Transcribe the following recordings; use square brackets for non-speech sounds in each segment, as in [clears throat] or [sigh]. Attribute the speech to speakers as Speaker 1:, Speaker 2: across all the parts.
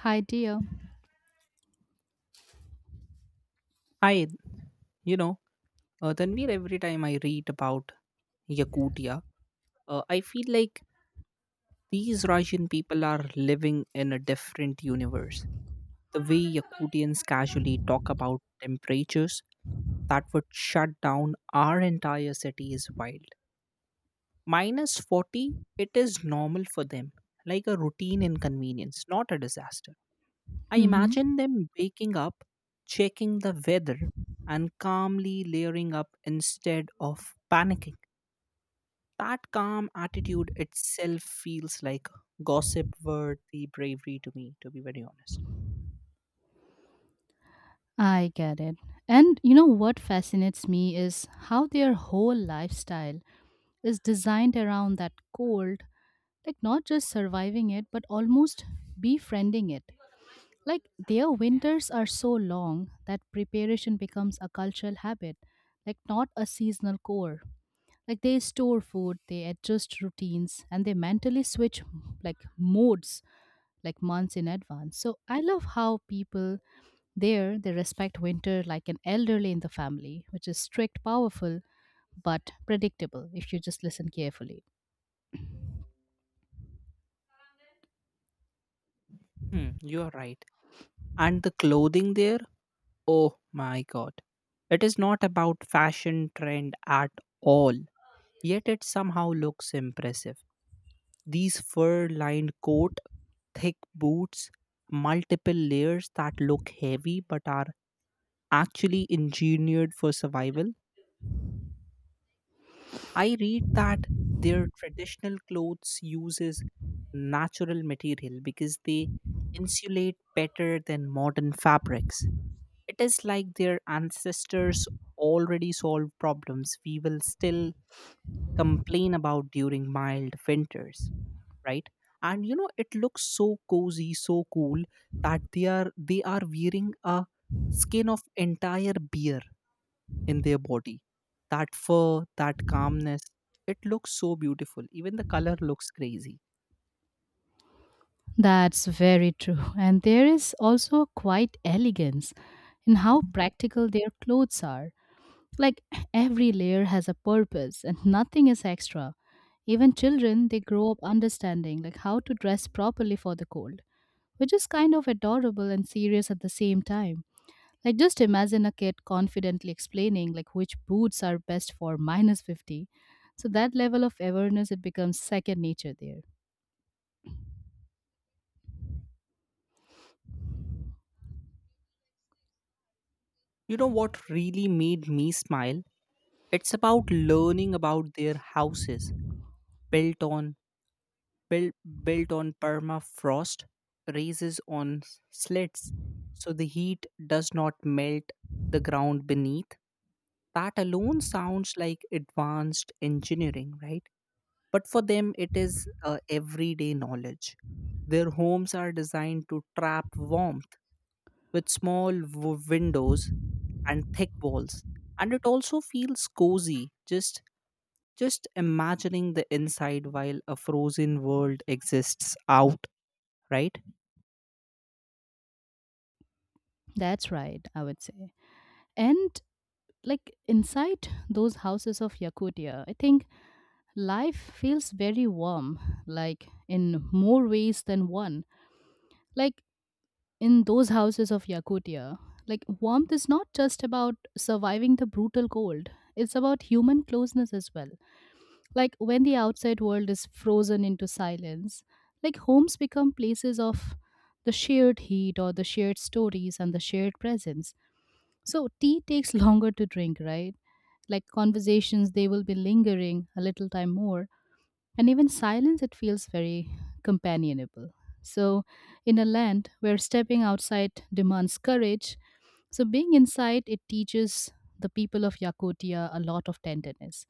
Speaker 1: Hi, dear.
Speaker 2: Hi, you know, Tanvir, every time I read about Yakutia, I feel like these Russian people are living in a different universe. The way Yakutians casually talk about temperatures that would shut down our entire city is wild. Minus 40, it is normal for them, like a routine inconvenience, not a disaster. I
Speaker 1: hmm
Speaker 2: imagine them waking up, checking the weather, and calmly layering up instead of panicking. That calm attitude itself feels like gossip worthy bravery to me, to be very honest.
Speaker 1: I get it. And you know what fascinates me is how their whole lifestyle is designed around that cold, like not just surviving it, but almost befriending it. Like their winters are so long that preparation becomes a cultural habit, like not a seasonal core. Like they store food, they adjust routines, and they mentally switch like modes like months in advance. So I love how people there, they respect winter like an elderly in the family, which is strict, powerful, but predictable if you just listen carefully.
Speaker 2: Hmm, you are right. And the clothing there, oh my god. It is not about fashion trend at all, yet it somehow looks impressive. These fur lined coat, thick boots, multiple layers that look heavy but are actually engineered for survival. I read that their traditional clothes uses natural material because they insulate better than modern fabrics. It is like their ancestors already solved problems we will still complain about during mild winters. Right. And it looks so cozy, so cool that they are wearing a skin of entire bear in their body. That fur, that calmness, it looks so beautiful. Even the color looks crazy.
Speaker 1: That's very true. [laughs] And there is also quite elegance in how practical their clothes are. Like every layer has a purpose and nothing is extra. Even children, they grow up understanding like how to dress properly for the cold, which is kind of adorable and serious at the same time. Like just imagine a kid confidently explaining like which boots are best for minus 50. So that level of awareness it becomes second nature there.
Speaker 2: You know what really made me smile? It's about learning about their houses built on built built on permafrost, raises on sleds, so the heat does not melt the ground beneath. That alone sounds like advanced engineering, right? But for them, it is everyday knowledge. Their homes are designed to trap warmth with small windows and thick walls. And it also feels cozy, just imagining the inside while a frozen world exists out, right?
Speaker 1: That's right, I would say. And like inside those houses of Yakutia, I think life feels very warm, like in more ways than one. Like in those houses of Yakutia, like warmth is not just about surviving the brutal cold. It's about human closeness as well. Like when the outside world is frozen into silence, like homes become places of the shared heat or the shared stories and the shared presence. So tea takes [laughs] longer to drink, right? Like conversations, they will be lingering a little time more. And even silence, it feels very companionable. So, in a land where stepping outside demands courage, so, being inside, it teaches the people of Yakutia a lot of tenderness.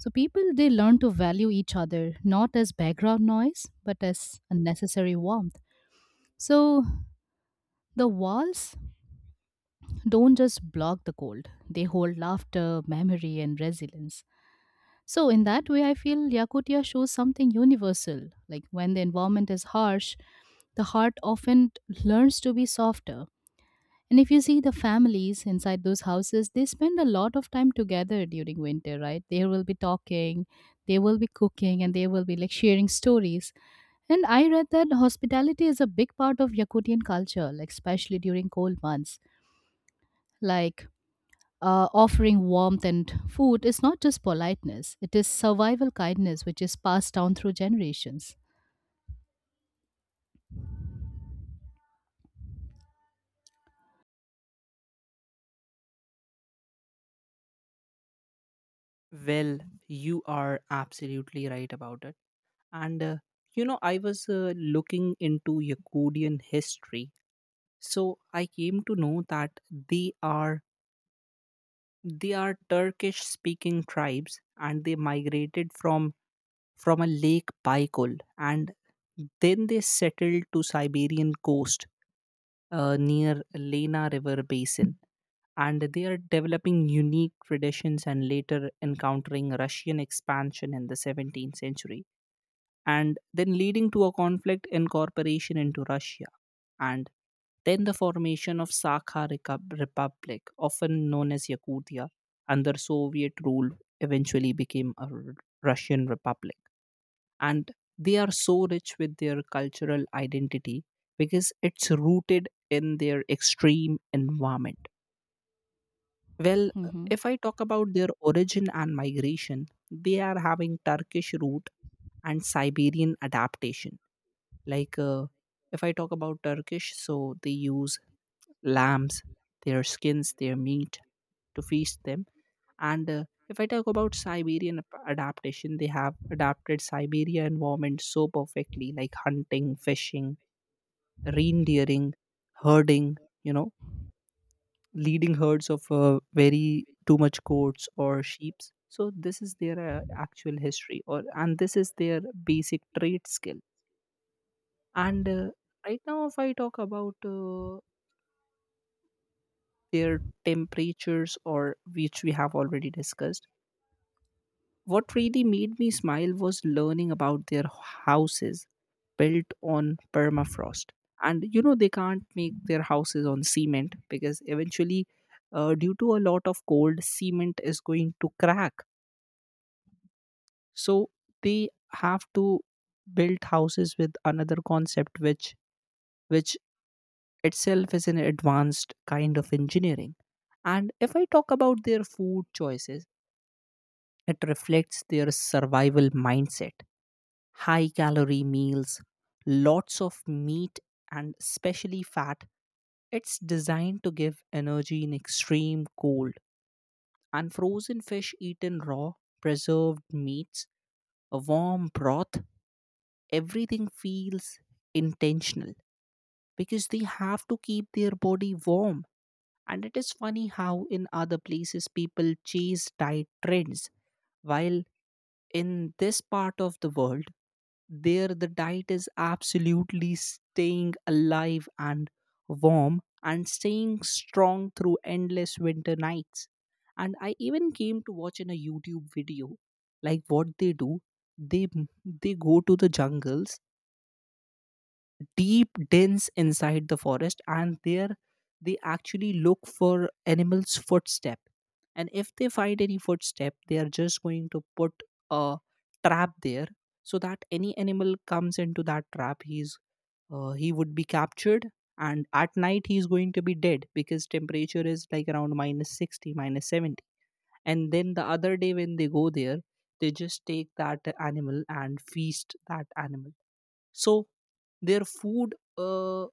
Speaker 1: So, people they learn to value each other not as background noise but as a necessary warmth. So, the walls don't just block the cold, they hold laughter, memory, and resilience. So, in that way, I feel Yakutia shows something universal. Like when the environment is harsh, the heart often learns to be softer. And if you see the families inside those houses, they spend a lot of time together during winter, right? They will be talking, they will be cooking, and they will be like sharing stories. And I read that hospitality is a big part of Yakutian culture, like especially during cold months. Like offering warmth and food is not just politeness; it is survival kindness, which is passed down through generations.
Speaker 2: Well, you are absolutely right about it. And you know, I was looking into Yakutian history. So I came to know that they are they are Turkish speaking tribes, and they migrated from a lake Baikal, and then they settled to Siberian coast, near Lena River basin, and they are developing unique traditions and later encountering Russian expansion in the 17th century, and then leading to a conflict incorporation into Russia, and then the formation of Sakha Republic, often known as Yakutia, under Soviet rule, eventually became a Russian Republic. And they are so rich with their cultural identity because it's rooted in their extreme environment. Well,
Speaker 1: hmm
Speaker 2: if I talk about their origin and migration, they are having Turkish root and Siberian adaptation. Like if I talk about Turkish, so they use lambs, their skins, their meat, to feast them. And if I talk about Siberian adaptation, they have adapted Siberia environment so perfectly, like hunting, fishing, reindeering, herding, you know, leading herds of very too much goats or sheep. So this is their actual history, or and this is their basic trade skill. And right now, if I talk about their temperatures, or which we have already discussed. What really made me smile was learning about their houses built on permafrost. And you know, they can't make their houses on cement because eventually, due to a lot of cold, cement is going to crack. So they have to build houses with another concept, which itself is an advanced kind of engineering. And if I talk about their food choices, it reflects their survival mindset: high calorie meals, lots of meat, and especially fat. It's designed to give energy in extreme cold. And frozen fish eaten raw, preserved meats, a warm broth, everything feels intentional because they have to keep their body warm. And it is funny how in other places people chase diet trends, while in this part of the world, there, the diet is absolutely staying alive and warm and staying strong through endless winter nights. And I even came to watch in a YouTube video like what they do. They they go to the jungles, deep dens inside the forest, and there they actually look for animals footstep, and if they find any footstep, they are just going to put a trap there, so that any animal comes into that trap, he would be captured, and at night he's going to be dead because temperature is like around minus 60, minus 70. And then the other day, when they go there, they just take that animal and feast that animal. So their food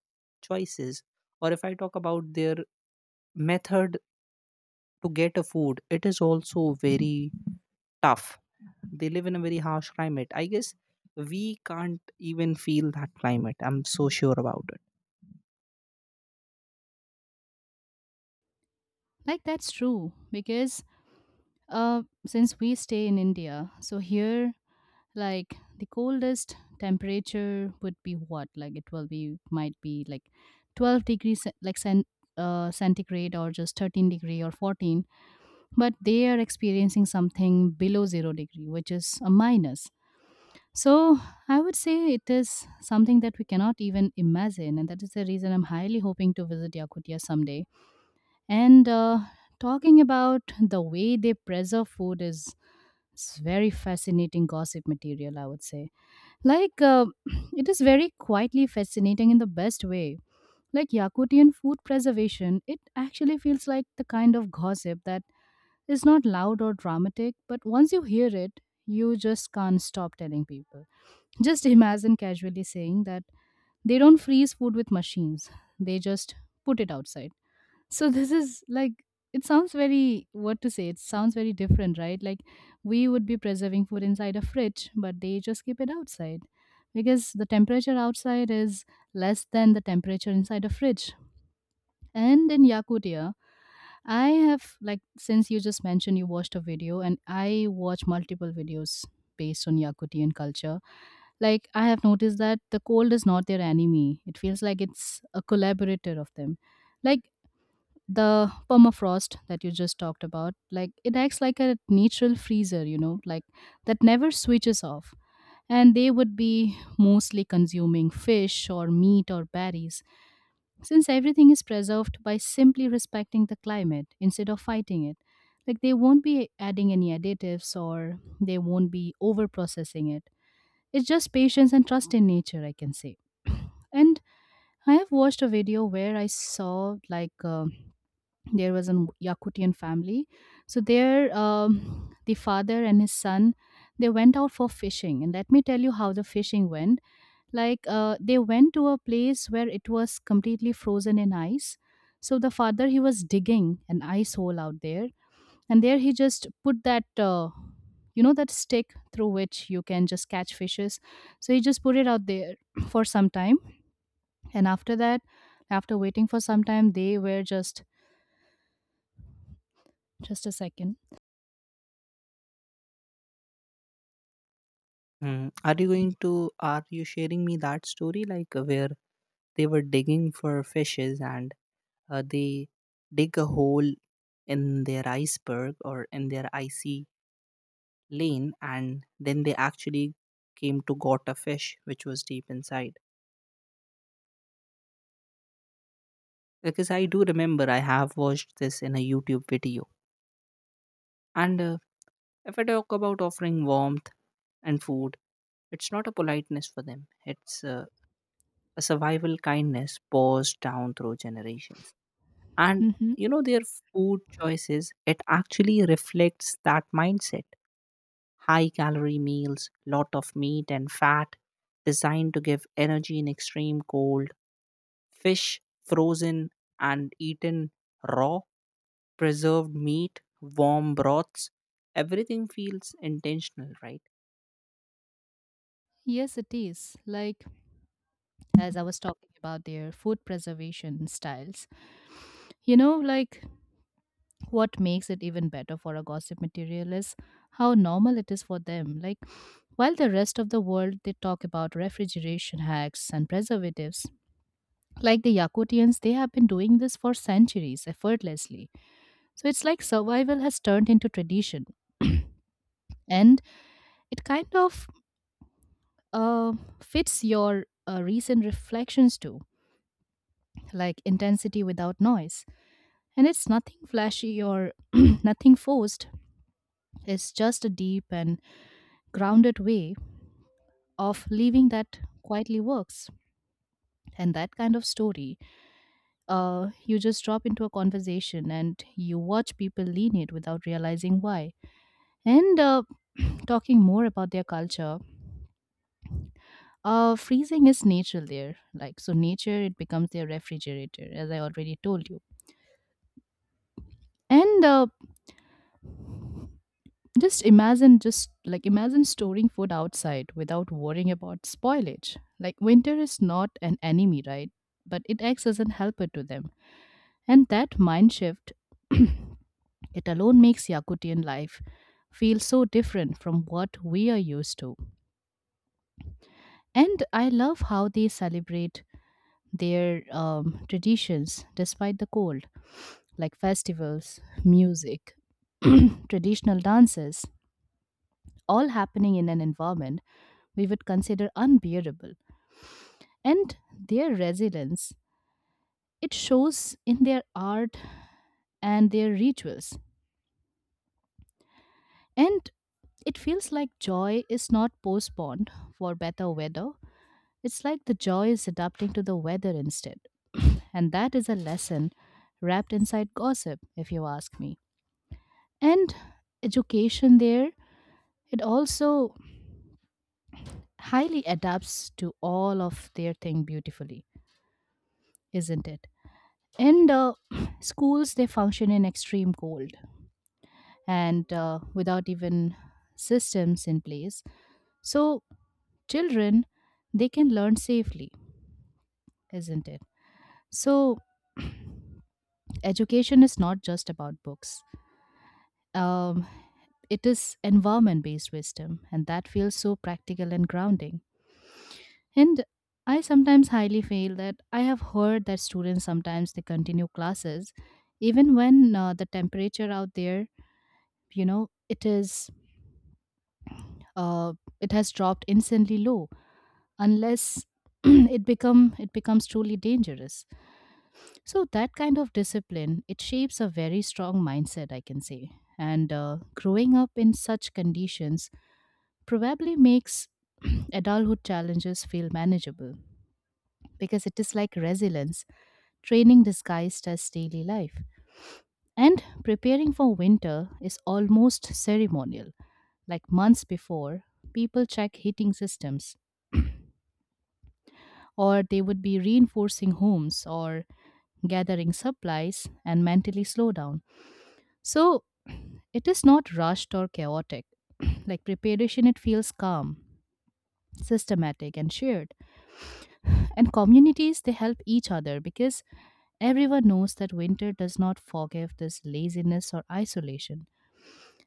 Speaker 2: choices, or if I talk about their method to get a food, it is also very tough. They live in a very harsh climate. I guess we can't even feel that climate. I'm so sure about it.
Speaker 1: Like that's true because uh, since we stay in India, so here like the coldest temperature would be what, like it will be, might be like 12 degrees ce- like cent, centigrade or just 13 degree or 14, but they are experiencing something below 0 degree, which is a minus. So I would say it is something that we cannot even imagine, and that is the reason I'm highly hoping to visit Yakutia someday. And talking about the way they preserve food is, it's very fascinating gossip material, I would say. Like, [clears throat] it is very quietly fascinating in the best way. Like Yakutian food preservation, it actually feels like the kind of gossip that is not loud or dramatic, but once you hear it, you just can't stop telling people. Just imagine casually saying that they don't freeze food with machines, they just put it outside. So this is like, it sounds very, what to say. It sounds very different, right? Like we would be preserving food inside a fridge, but they just keep it outside because the temperature outside is less than the temperature inside a fridge. And in Yakutia, I have, like, since you just mentioned you watched a video, and I watch multiple videos based on Yakutian culture, like I have noticed that the cold is not their enemy, it feels like it's a collaborator of them. Like the permafrost that you just talked about, like it acts like a natural freezer, you know, like that never switches off. And they would be mostly consuming fish or meat or berries, since everything is preserved by simply respecting the climate instead of fighting it. Like they won't be adding any additives or they won't be over processing it, it's just patience and trust in nature, I can say. [clears throat] And I have watched a video where I saw like there was an Yakutian family. So there, the father and his son, they went out for fishing. And let me tell you how the fishing went. Like they went to a place where it was completely frozen in ice. So the father he was digging an ice hole out there, and there he just put that. You know that stick through which you can just catch fishes, so he just put it out there [clears throat] for some time. And after that, after waiting for some time, they were just a 2nd.
Speaker 2: Hmm. Are you sharing me that story, like where they were digging for fishes, and they dig a hole in their iceberg or in their icy lane, and then they actually came to got a fish which was deep inside, because I do remember I have watched this in a YouTube video. And if I talk about offering warmth and food, it's not a politeness for them, it's a survival kindness passed down through generations. And you know, their food choices, it actually reflects that mindset: high calorie meals, lot of meat and fat, designed to give energy in extreme cold. Fish frozen and eaten raw, preserved meat, warm broths, everything feels intentional, right?
Speaker 1: Yes, it is. Like, as I was talking about their food preservation styles, you know, like what makes it even better for a gossip material is how normal it is for them. Like, while the rest of the world they talk about refrigeration hacks and preservatives, like the Yakutians, they have been doing this for centuries effortlessly. So it's like survival has turned into tradition. [clears throat] And it kind of uh, fits your recent reflections too, like intensity without noise. And it's nothing flashy or [clears throat] nothing forced. It's just a deep and grounded way of living that quietly works. And that kind of story, you just drop into a conversation and you watch people lean it without realizing why. And [clears throat] talking more about their culture, freezing is nature there. Like, so nature, it becomes their refrigerator, as I already told you. And uh, just imagine, just like imagine storing food outside without worrying about spoilage. Like winter is not an enemy, right? But it acts as a helper to them. And that mind shift, [clears throat] it alone makes Yakutian life feel so different from what we are used to. And I love how they celebrate their traditions despite the cold, like festivals, music, [clears throat] traditional dances, all happening in an environment we would consider unbearable. And their resilience, it shows in their art and their rituals. And it feels like joy is not postponed for better weather. It's like the joy is adapting to the weather instead. [clears throat] And that is a lesson wrapped inside gossip, if you ask me. And education there, it also highly adapts to all of their thing beautifully, isn't it? And [clears throat] schools they function in extreme cold and without even systems in place, so children they can learn safely, isn't it? So education is not just about books, um, it is environment based wisdom, and that feels so practical and grounding. And I sometimes highly feel that I have heard that students sometimes they continue classes even when the temperature out there, you know, it is uh, it has dropped instantly low, unless [clears throat] it becomes truly dangerous. So that kind of discipline it shapes a very strong mindset, I can say. And growing up in such conditions probably makes [clears throat] adulthood challenges feel manageable, because it is like resilience training disguised as daily life. And preparing for winter is almost ceremonial, like months before people check heating systems, [clears throat] or they would be reinforcing homes or gathering supplies and mentally slow down. So [clears throat] it is not rushed or chaotic. [clears throat] Like preparation, it feels calm, systematic, and shared. [sighs] And communities, they help each other because everyone knows that winter does not forgive this laziness or isolation.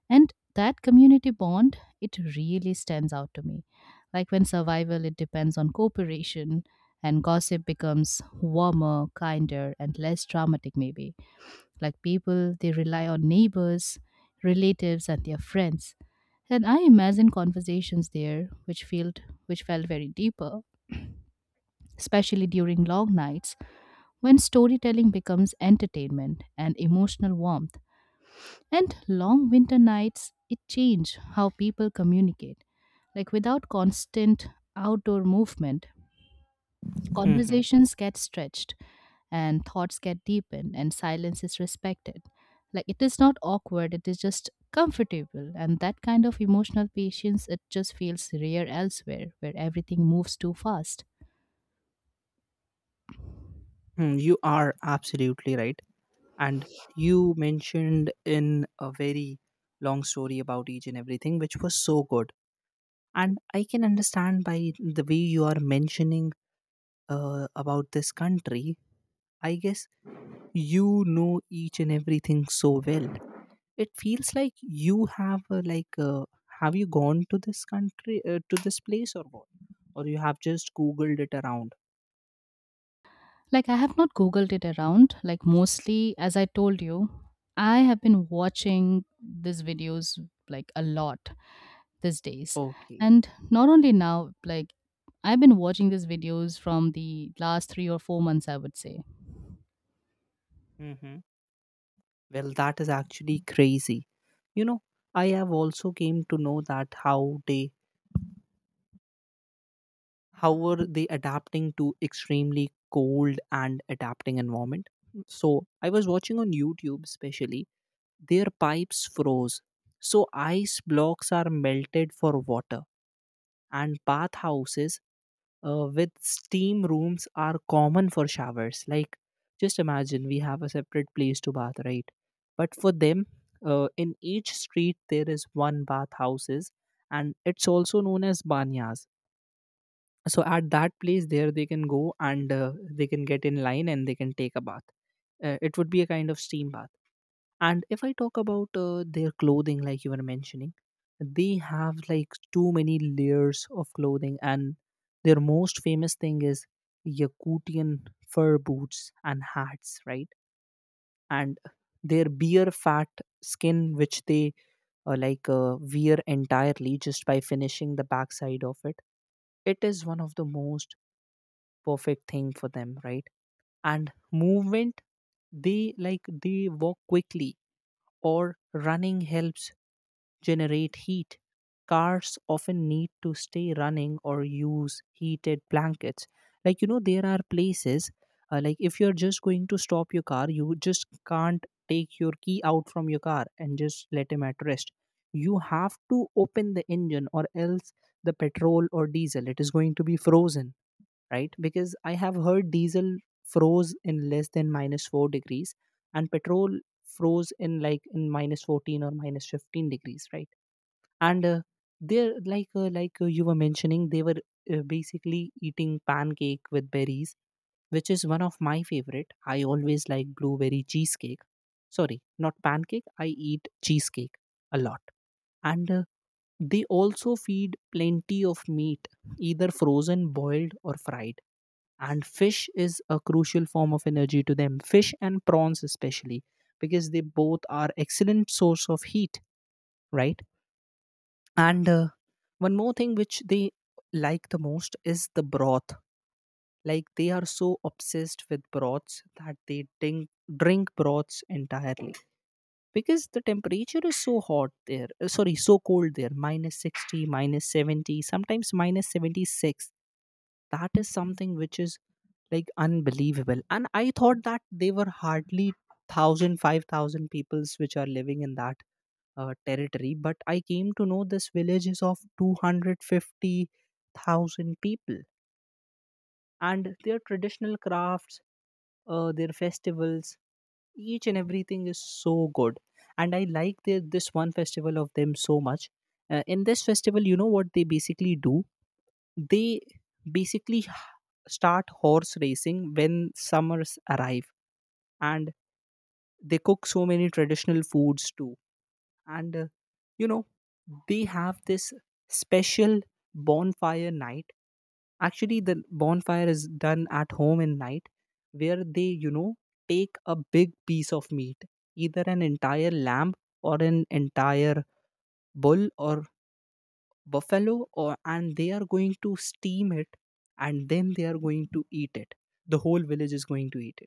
Speaker 1: And that community bond it really stands out to me. Like when survival it depends on cooperation, and gossip becomes warmer, kinder, and less dramatic, maybe. Like people they rely on neighbors, relatives and their friends. And I imagine conversations there which felt very deeper, especially during long nights, when storytelling becomes entertainment and emotional warmth. And long winter nights, it changed how people communicate. Like without constant outdoor movement,
Speaker 2: Hmm.
Speaker 1: conversations get stretched and thoughts get deepened and silence is respected. Like it is not awkward, it is just comfortable. And that kind of emotional patience, it just feels rare elsewhere where everything moves too fast.
Speaker 2: Hmm, you are absolutely right. And you mentioned in a very long story about each and everything, which was so good. And I can understand by the way you are mentioning about this country, I guess you know each and everything so well. It feels like you have like have you gone to this country to this place, or what, or you have just googled it around?
Speaker 1: Like, I have not Googled it around. Like, mostly, as I told you, I have been watching these videos like a lot these days.
Speaker 2: Okay.
Speaker 1: And not only now, like, I've been watching these videos from the last 3 or 4 months, I would say.
Speaker 2: Mm-hmm. Well, that is actually crazy. You know, I have also came to know that how they, how were they adapting to extremely cold and adapting environment. So I was watching on YouTube especially. Their pipes froze, so ice blocks are melted for water. And bathhouses with steam rooms are common for showers. Like, just imagine we have a separate place to bath, right? But for them, in each street there is one bathhouses, and it's also known as banyas. So at that place there they can go, and they can get in line, and they can take a bath. It would be a kind of steam bath. And if I talk about their clothing, like you were mentioning, they have like too many layers of clothing, and their most famous thing is Yakutian fur boots and hats, right? And their beer fat skin which they like wear entirely just by finishing the backside of it, it is one of the most perfect thing for them, right? And movement, they like they walk quickly or running helps generate heat. Cars often need to stay running or use heated blankets. Like, you know, there are places, like if you're just going to stop your car, you just can't take your key out from your car and just let him at rest. You have to open the engine, or else the petrol or diesel, it is going to be frozen, right? Because I have heard diesel froze in less than minus 4 degrees, and petrol froze in like in minus 14 or minus 15 degrees, right? And they're like you were mentioning they were basically eating pancake with berries, which is one of my favorite. I always like blueberry cheesecake. Sorry, not pancake. I eat cheesecake a lot. And they also feed plenty of meat, either frozen, boiled, or fried, and fish is a crucial form of energy to them. Fish and prawns especially, because they both are excellent source of heat, right? and one more thing which they like the most is the broth. Like, they are so obsessed with broths that they drink broths entirely, because the temperature is so hot there, sorry, so cold there, minus 60, minus 70, sometimes minus 76. That is something which is like unbelievable. And I thought that they were hardly thousand, five thousand peoples which are living in that territory. But I came to know this village is of 250,000 people. And their traditional crafts, their festivals, each and everything is so good. And I like their, this one festival of them so much. In this festival, you know what they basically do? They basically h- start horse racing when summers arrive. And they cook so many traditional foods too. And you know, they have this special bonfire night. Actually, the bonfire is done at home in night, where they, you know, take a big piece of meat, either an entire lamb or an entire bull or buffalo, or and they are going to steam it, and then they are going to eat it. The whole village is going to eat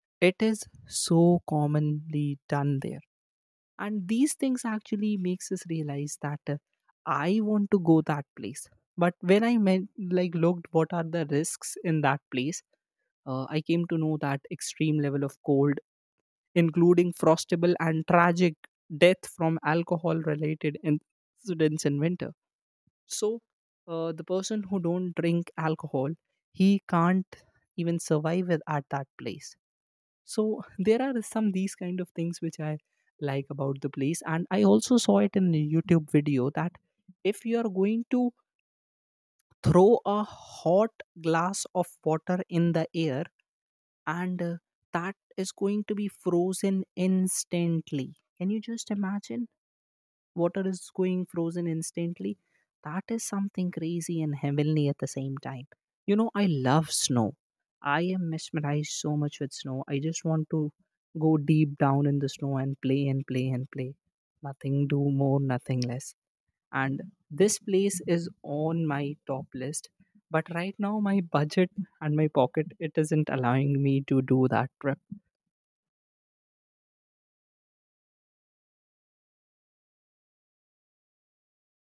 Speaker 2: it. It is so commonly done there. And these things actually makes us realize that, I want to go that place. But when I meant, like, looked what are the risks in that place, I came to know that extreme level of cold, including frostable and tragic death from alcohol related incidents in winter. So, the person who don't drink alcohol, he can't even survive it at that place. So [laughs] there are some these kind of things which I like about the place. And I also saw it in a youtube video that if you are going to throw a hot glass of water in the air, and that is going to be frozen instantly. Can you just imagine? Water is going frozen instantly. That is something crazy and heavenly at the same time. You know, I love snow. I am mesmerized so much with snow. I just want to go deep down in the snow and play and play and play. Nothing do more, nothing less. And this place is on my top list. But right now, my budget and my pocket, it isn't allowing me to do that trip.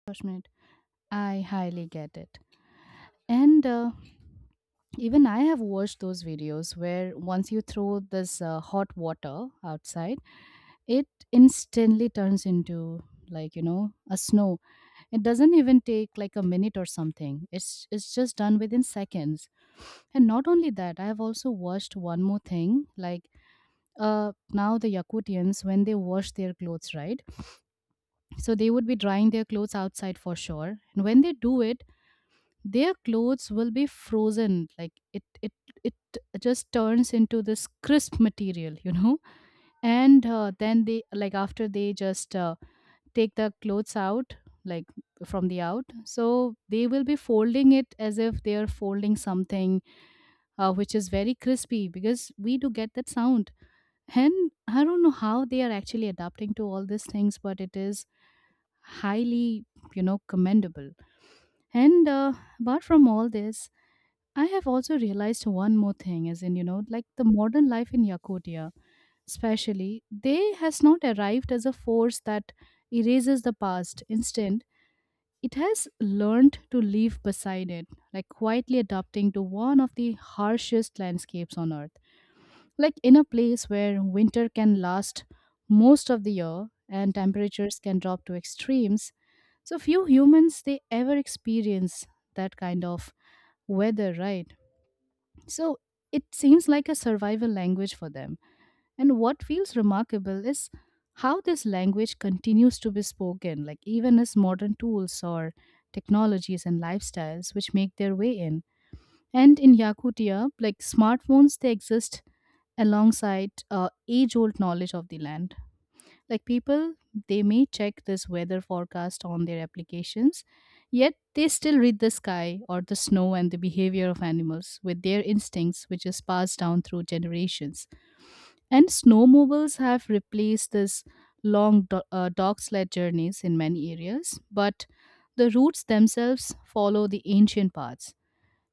Speaker 1: Gosh, mate, I highly get it. And even I have watched those videos where once you throw this hot water outside, it instantly turns into, like, you know, a snow. It doesn't even take like a minute or something. It's just done within seconds. And not only that, I have also watched one more thing. Like uh now the Yakutians, when they wash their clothes, right? So they would be drying their clothes outside for sure. And when they do it, their clothes will be frozen. Like it just turns into this crisp material, you know? And then they, like after they just take the clothes out, like from the out, so they will be folding it as if they are folding something which is very crispy because we do get that sound. And I don't know how they are actually adapting to all these things, but it is highly, you know, commendable. And apart from all this, I have also realized one more thing, as in, you know, like the modern life in Yakutia especially, they has not arrived as a force that erases the past. Instead, it has learned to live beside it, like quietly adapting to one of the harshest landscapes on earth. Like in a place where winter can last most of the year and temperatures can drop to extremes, so few humans they ever experience that kind of weather, right? So it seems like a survival language for them. And what feels remarkable is how this language continues to be spoken, like even as modern tools or technologies and lifestyles which make their way in. And in Yakutia, like smartphones, they exist alongside age-old knowledge of the land. Like people, they may check this weather forecast on their applications, yet they still read the sky or the snow and the behavior of animals with their instincts, which is passed down through generations. And snowmobiles have replaced this dog sled journeys in many areas, but the routes themselves follow the ancient paths.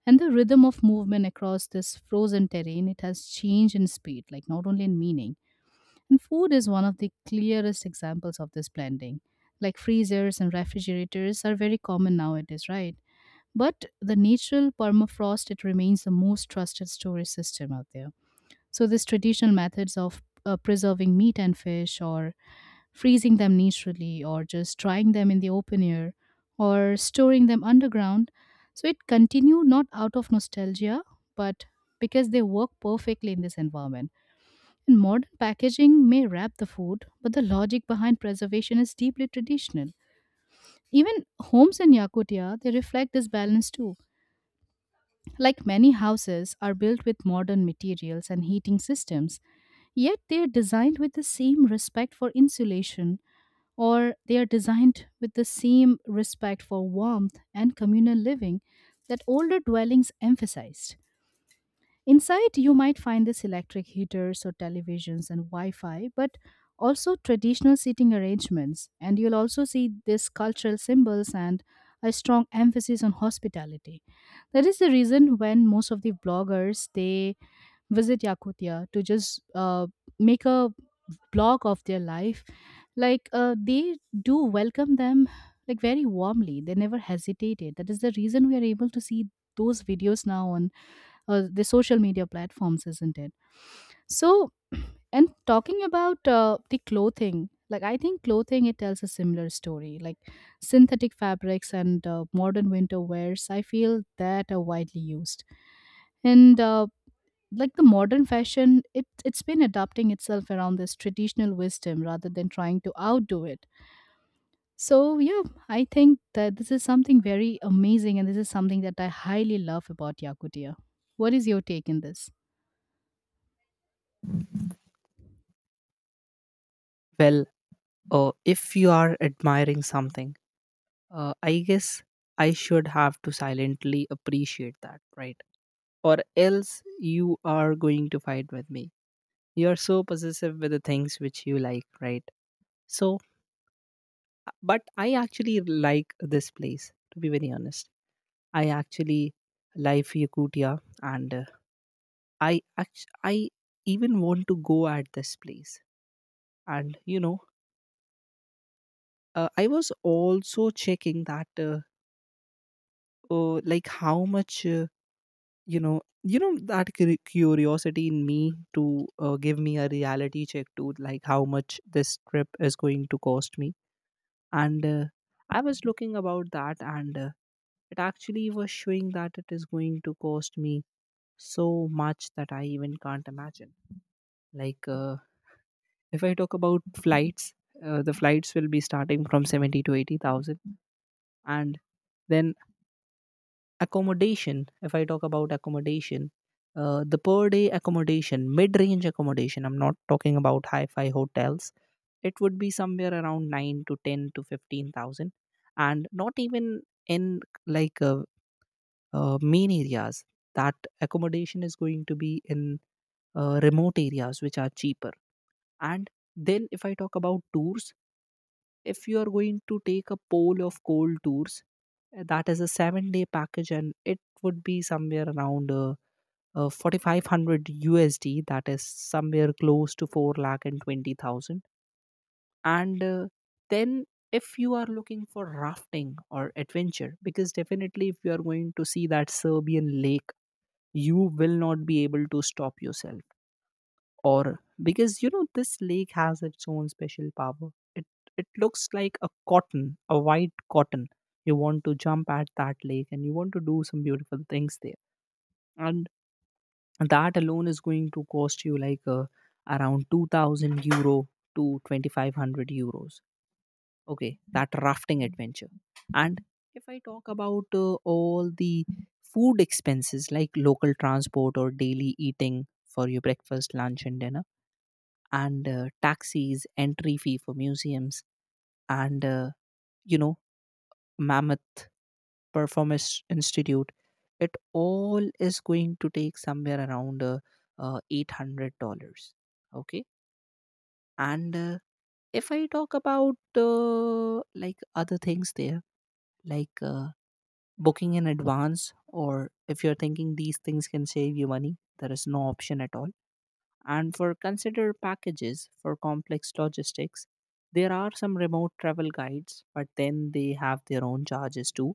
Speaker 1: And the rhythm of movement across this frozen terrain, it has changed in speed, like not only in meaning. And food is one of the clearest examples of this blending. Like freezers and refrigerators are very common nowadays, right? But the natural permafrost, it remains the most trusted storage system out there. So these traditional methods of preserving meat and fish, or freezing them naturally, or just drying them in the open air, or storing them underground. So it continued not out of nostalgia, but because they work perfectly in this environment. And modern packaging may wrap the food, but the logic behind preservation is deeply traditional. Even homes in Yakutia, they reflect this balance too. Like many houses are built with modern materials and heating systems, yet they are designed with the same respect for insulation, or they are designed with the same respect for warmth and communal living that older dwellings emphasized. Inside, you might find these electric heaters or televisions and Wi Fi, but also traditional seating arrangements. And you'll also see these cultural symbols and a strong emphasis on hospitality. That is the reason when most of the bloggers they visit Yakutia to just make a blog of their life. Like they do welcome them like very warmly. They never hesitated. That is the reason we are able to see those videos now on the social media platforms, isn't it? So, and talking about the clothing, like I think clothing, it tells a similar story. Like synthetic fabrics and modern winter wears, I feel, that are widely used. And like the modern fashion, it's been adapting itself around this traditional wisdom rather than trying to outdo it. So, yeah, I think that this is something very amazing, and this is something that I highly love about Yakutia. What is your take in this?
Speaker 2: Well, if you are admiring something, I guess I should have to silently appreciate that, right? Or else you are going to fight with me. You are so possessive with the things which you like, right? So, but I actually like this place, to be very honest. I actually like Yakutia, and I even want to go at this place. And, you know, I was also checking that, like, how much. You know, you know that curiosity in me to give me a reality check to like how much this trip is going to cost me. And I was looking about that, and it actually was showing that it is going to cost me so much that I even can't imagine. Like, if I talk about flights, the flights will be starting from 70 to 80,000. And then accommodation. If I talk about accommodation, the per day accommodation, mid range accommodation, I'm not talking about hi-fi hotels, it would be somewhere around 9 to 10 to 15,000. And not even in, like, main areas. That accommodation is going to be in remote areas which are cheaper. And then if I talk about tours, if you are going to take a pole of cold tours, that is a 7-day package, and it would be somewhere around 4500 USD. That is somewhere close to 4 lakh and 20,000. And then if you are looking for rafting or adventure, because definitely if you are going to see that Serbian lake, you will not be able to stop yourself, or because you know this lake has its own special power. It it looks like a cotton, a white cotton. You want to jump at that lake and you want to do some beautiful things there. And that alone is going to cost you, like, around €2,000 to €2,500, okay, that rafting adventure. And if I talk about all the food expenses, like local transport, or daily eating for your breakfast, lunch, and dinner, and taxis, entry fee for museums, and you know, mammoth performance institute, it all is going to take somewhere around $800. Okay. and if I talk about like other things there, like, booking in advance, or if you're thinking these things can save you money, there is no option at all. And for consider packages for complex logistics, there are some remote travel guides, but then they have their own charges too.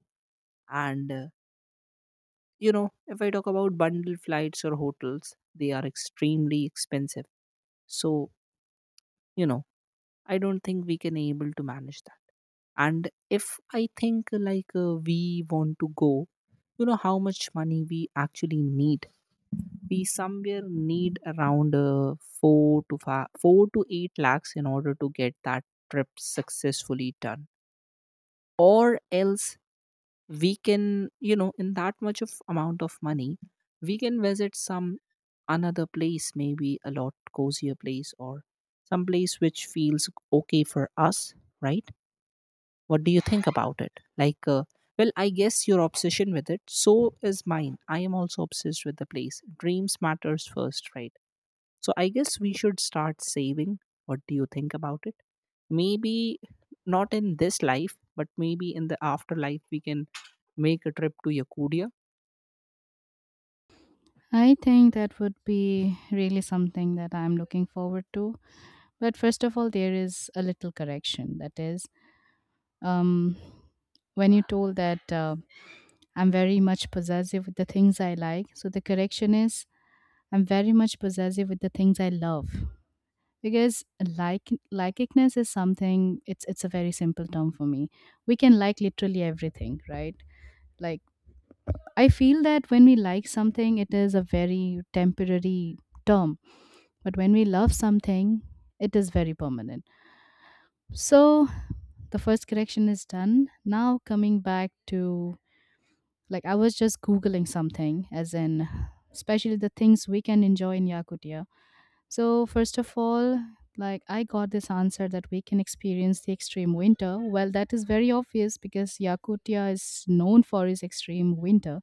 Speaker 2: And You know, if I talk about bundle flights or hotels, they are extremely expensive. So, you know, I don't think we can able to manage that. And if I think like we want to go, you know how much money we actually need. We somewhere need around 4 to five, 4 to 8 lakhs in order to get that trip successfully done. Or else we can, you know, in that much of amount of money, we can visit some another place, maybe a lot cozier place, or some place which feels okay for us, right? What do you think about it? Like, well, I guess your obsession with it, so is mine. I am also obsessed with the place. Dreams matters first, right? So I guess we should start saving. What do you think about it? Maybe not in this life, but maybe in the afterlife, we can make a trip to Yakudia.
Speaker 1: I think that would be really something that I'm looking forward to. But first of all, there is a little correction. That is, um, when you told that I'm very much possessive with the things I like, so the correction is I'm very much possessive with the things I love. Because like likingness is something. It's a very simple term for me. We can like literally everything, right? Like I feel that when we like something, it is a very temporary term. But when we love something, it is very permanent. So the first correction is done. Now, coming back to, like, I was just Googling something, as in, especially the things we can enjoy in Yakutia. So, first of all, like I got this answer that we can experience the extreme winter. Well, that is very obvious because Yakutia is known for its extreme winter.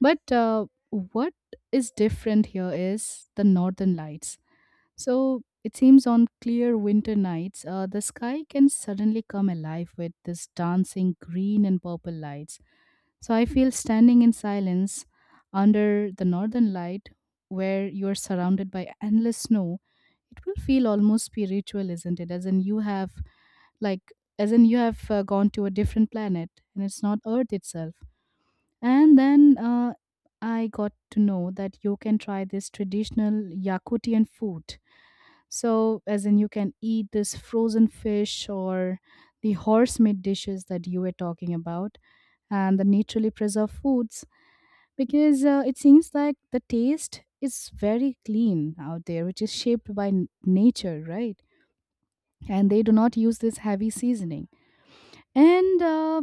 Speaker 1: But what is different here is the northern lights. So it seems on clear winter nights, the sky can suddenly come alive with this dancing green and purple lights. So I feel standing in silence under the northern light, where you are surrounded by endless snow, it will feel almost spiritual, isn't it? As in, you have like, as in you have gone to a different planet and it's not earth itself. And then I got to know that you can try this traditional Yakutian food. So, as in, you can eat this frozen fish or the horse meat dishes that you were talking about and the naturally preserved foods, because it seems like the taste is very clean out there, which is shaped by nature, right? And they do not use this heavy seasoning. And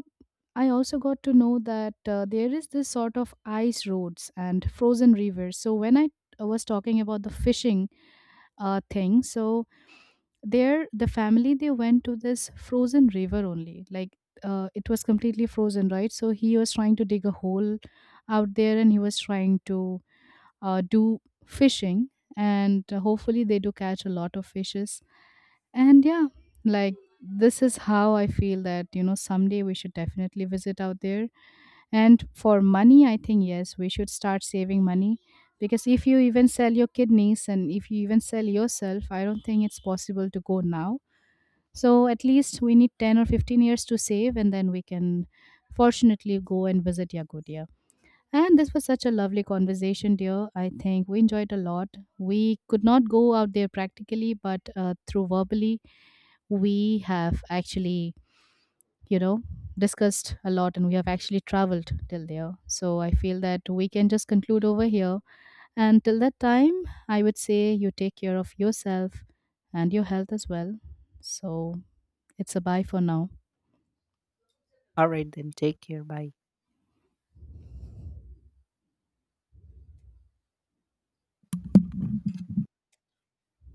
Speaker 1: I also got to know that there is this sort of ice roads and frozen rivers. So when I was talking about the fishing thing, so there the family they went to this frozen river only. Like it was completely frozen, right? So he was trying to dig a hole out there, and he was trying to do fishing, and hopefully they do catch a lot of fishes. And yeah, like this is how I feel that, you know, someday we should definitely visit out there. And for money, I think, yes, we should start saving money, because if you even sell your kidneys and if you even sell yourself, I don't think it's possible to go now. So at least we need 10 or 15 years to save and then we can fortunately go and visit Yakutia. And this was such a lovely conversation, dear. I think we enjoyed a lot. We could not go out there practically, but through verbally, we have actually, you know, discussed a lot and we have actually traveled till there. So I feel that we can just conclude over here. And till that time, I would say you take care of yourself and your health as well. So it's a bye for now.
Speaker 2: All right, then take care. Bye.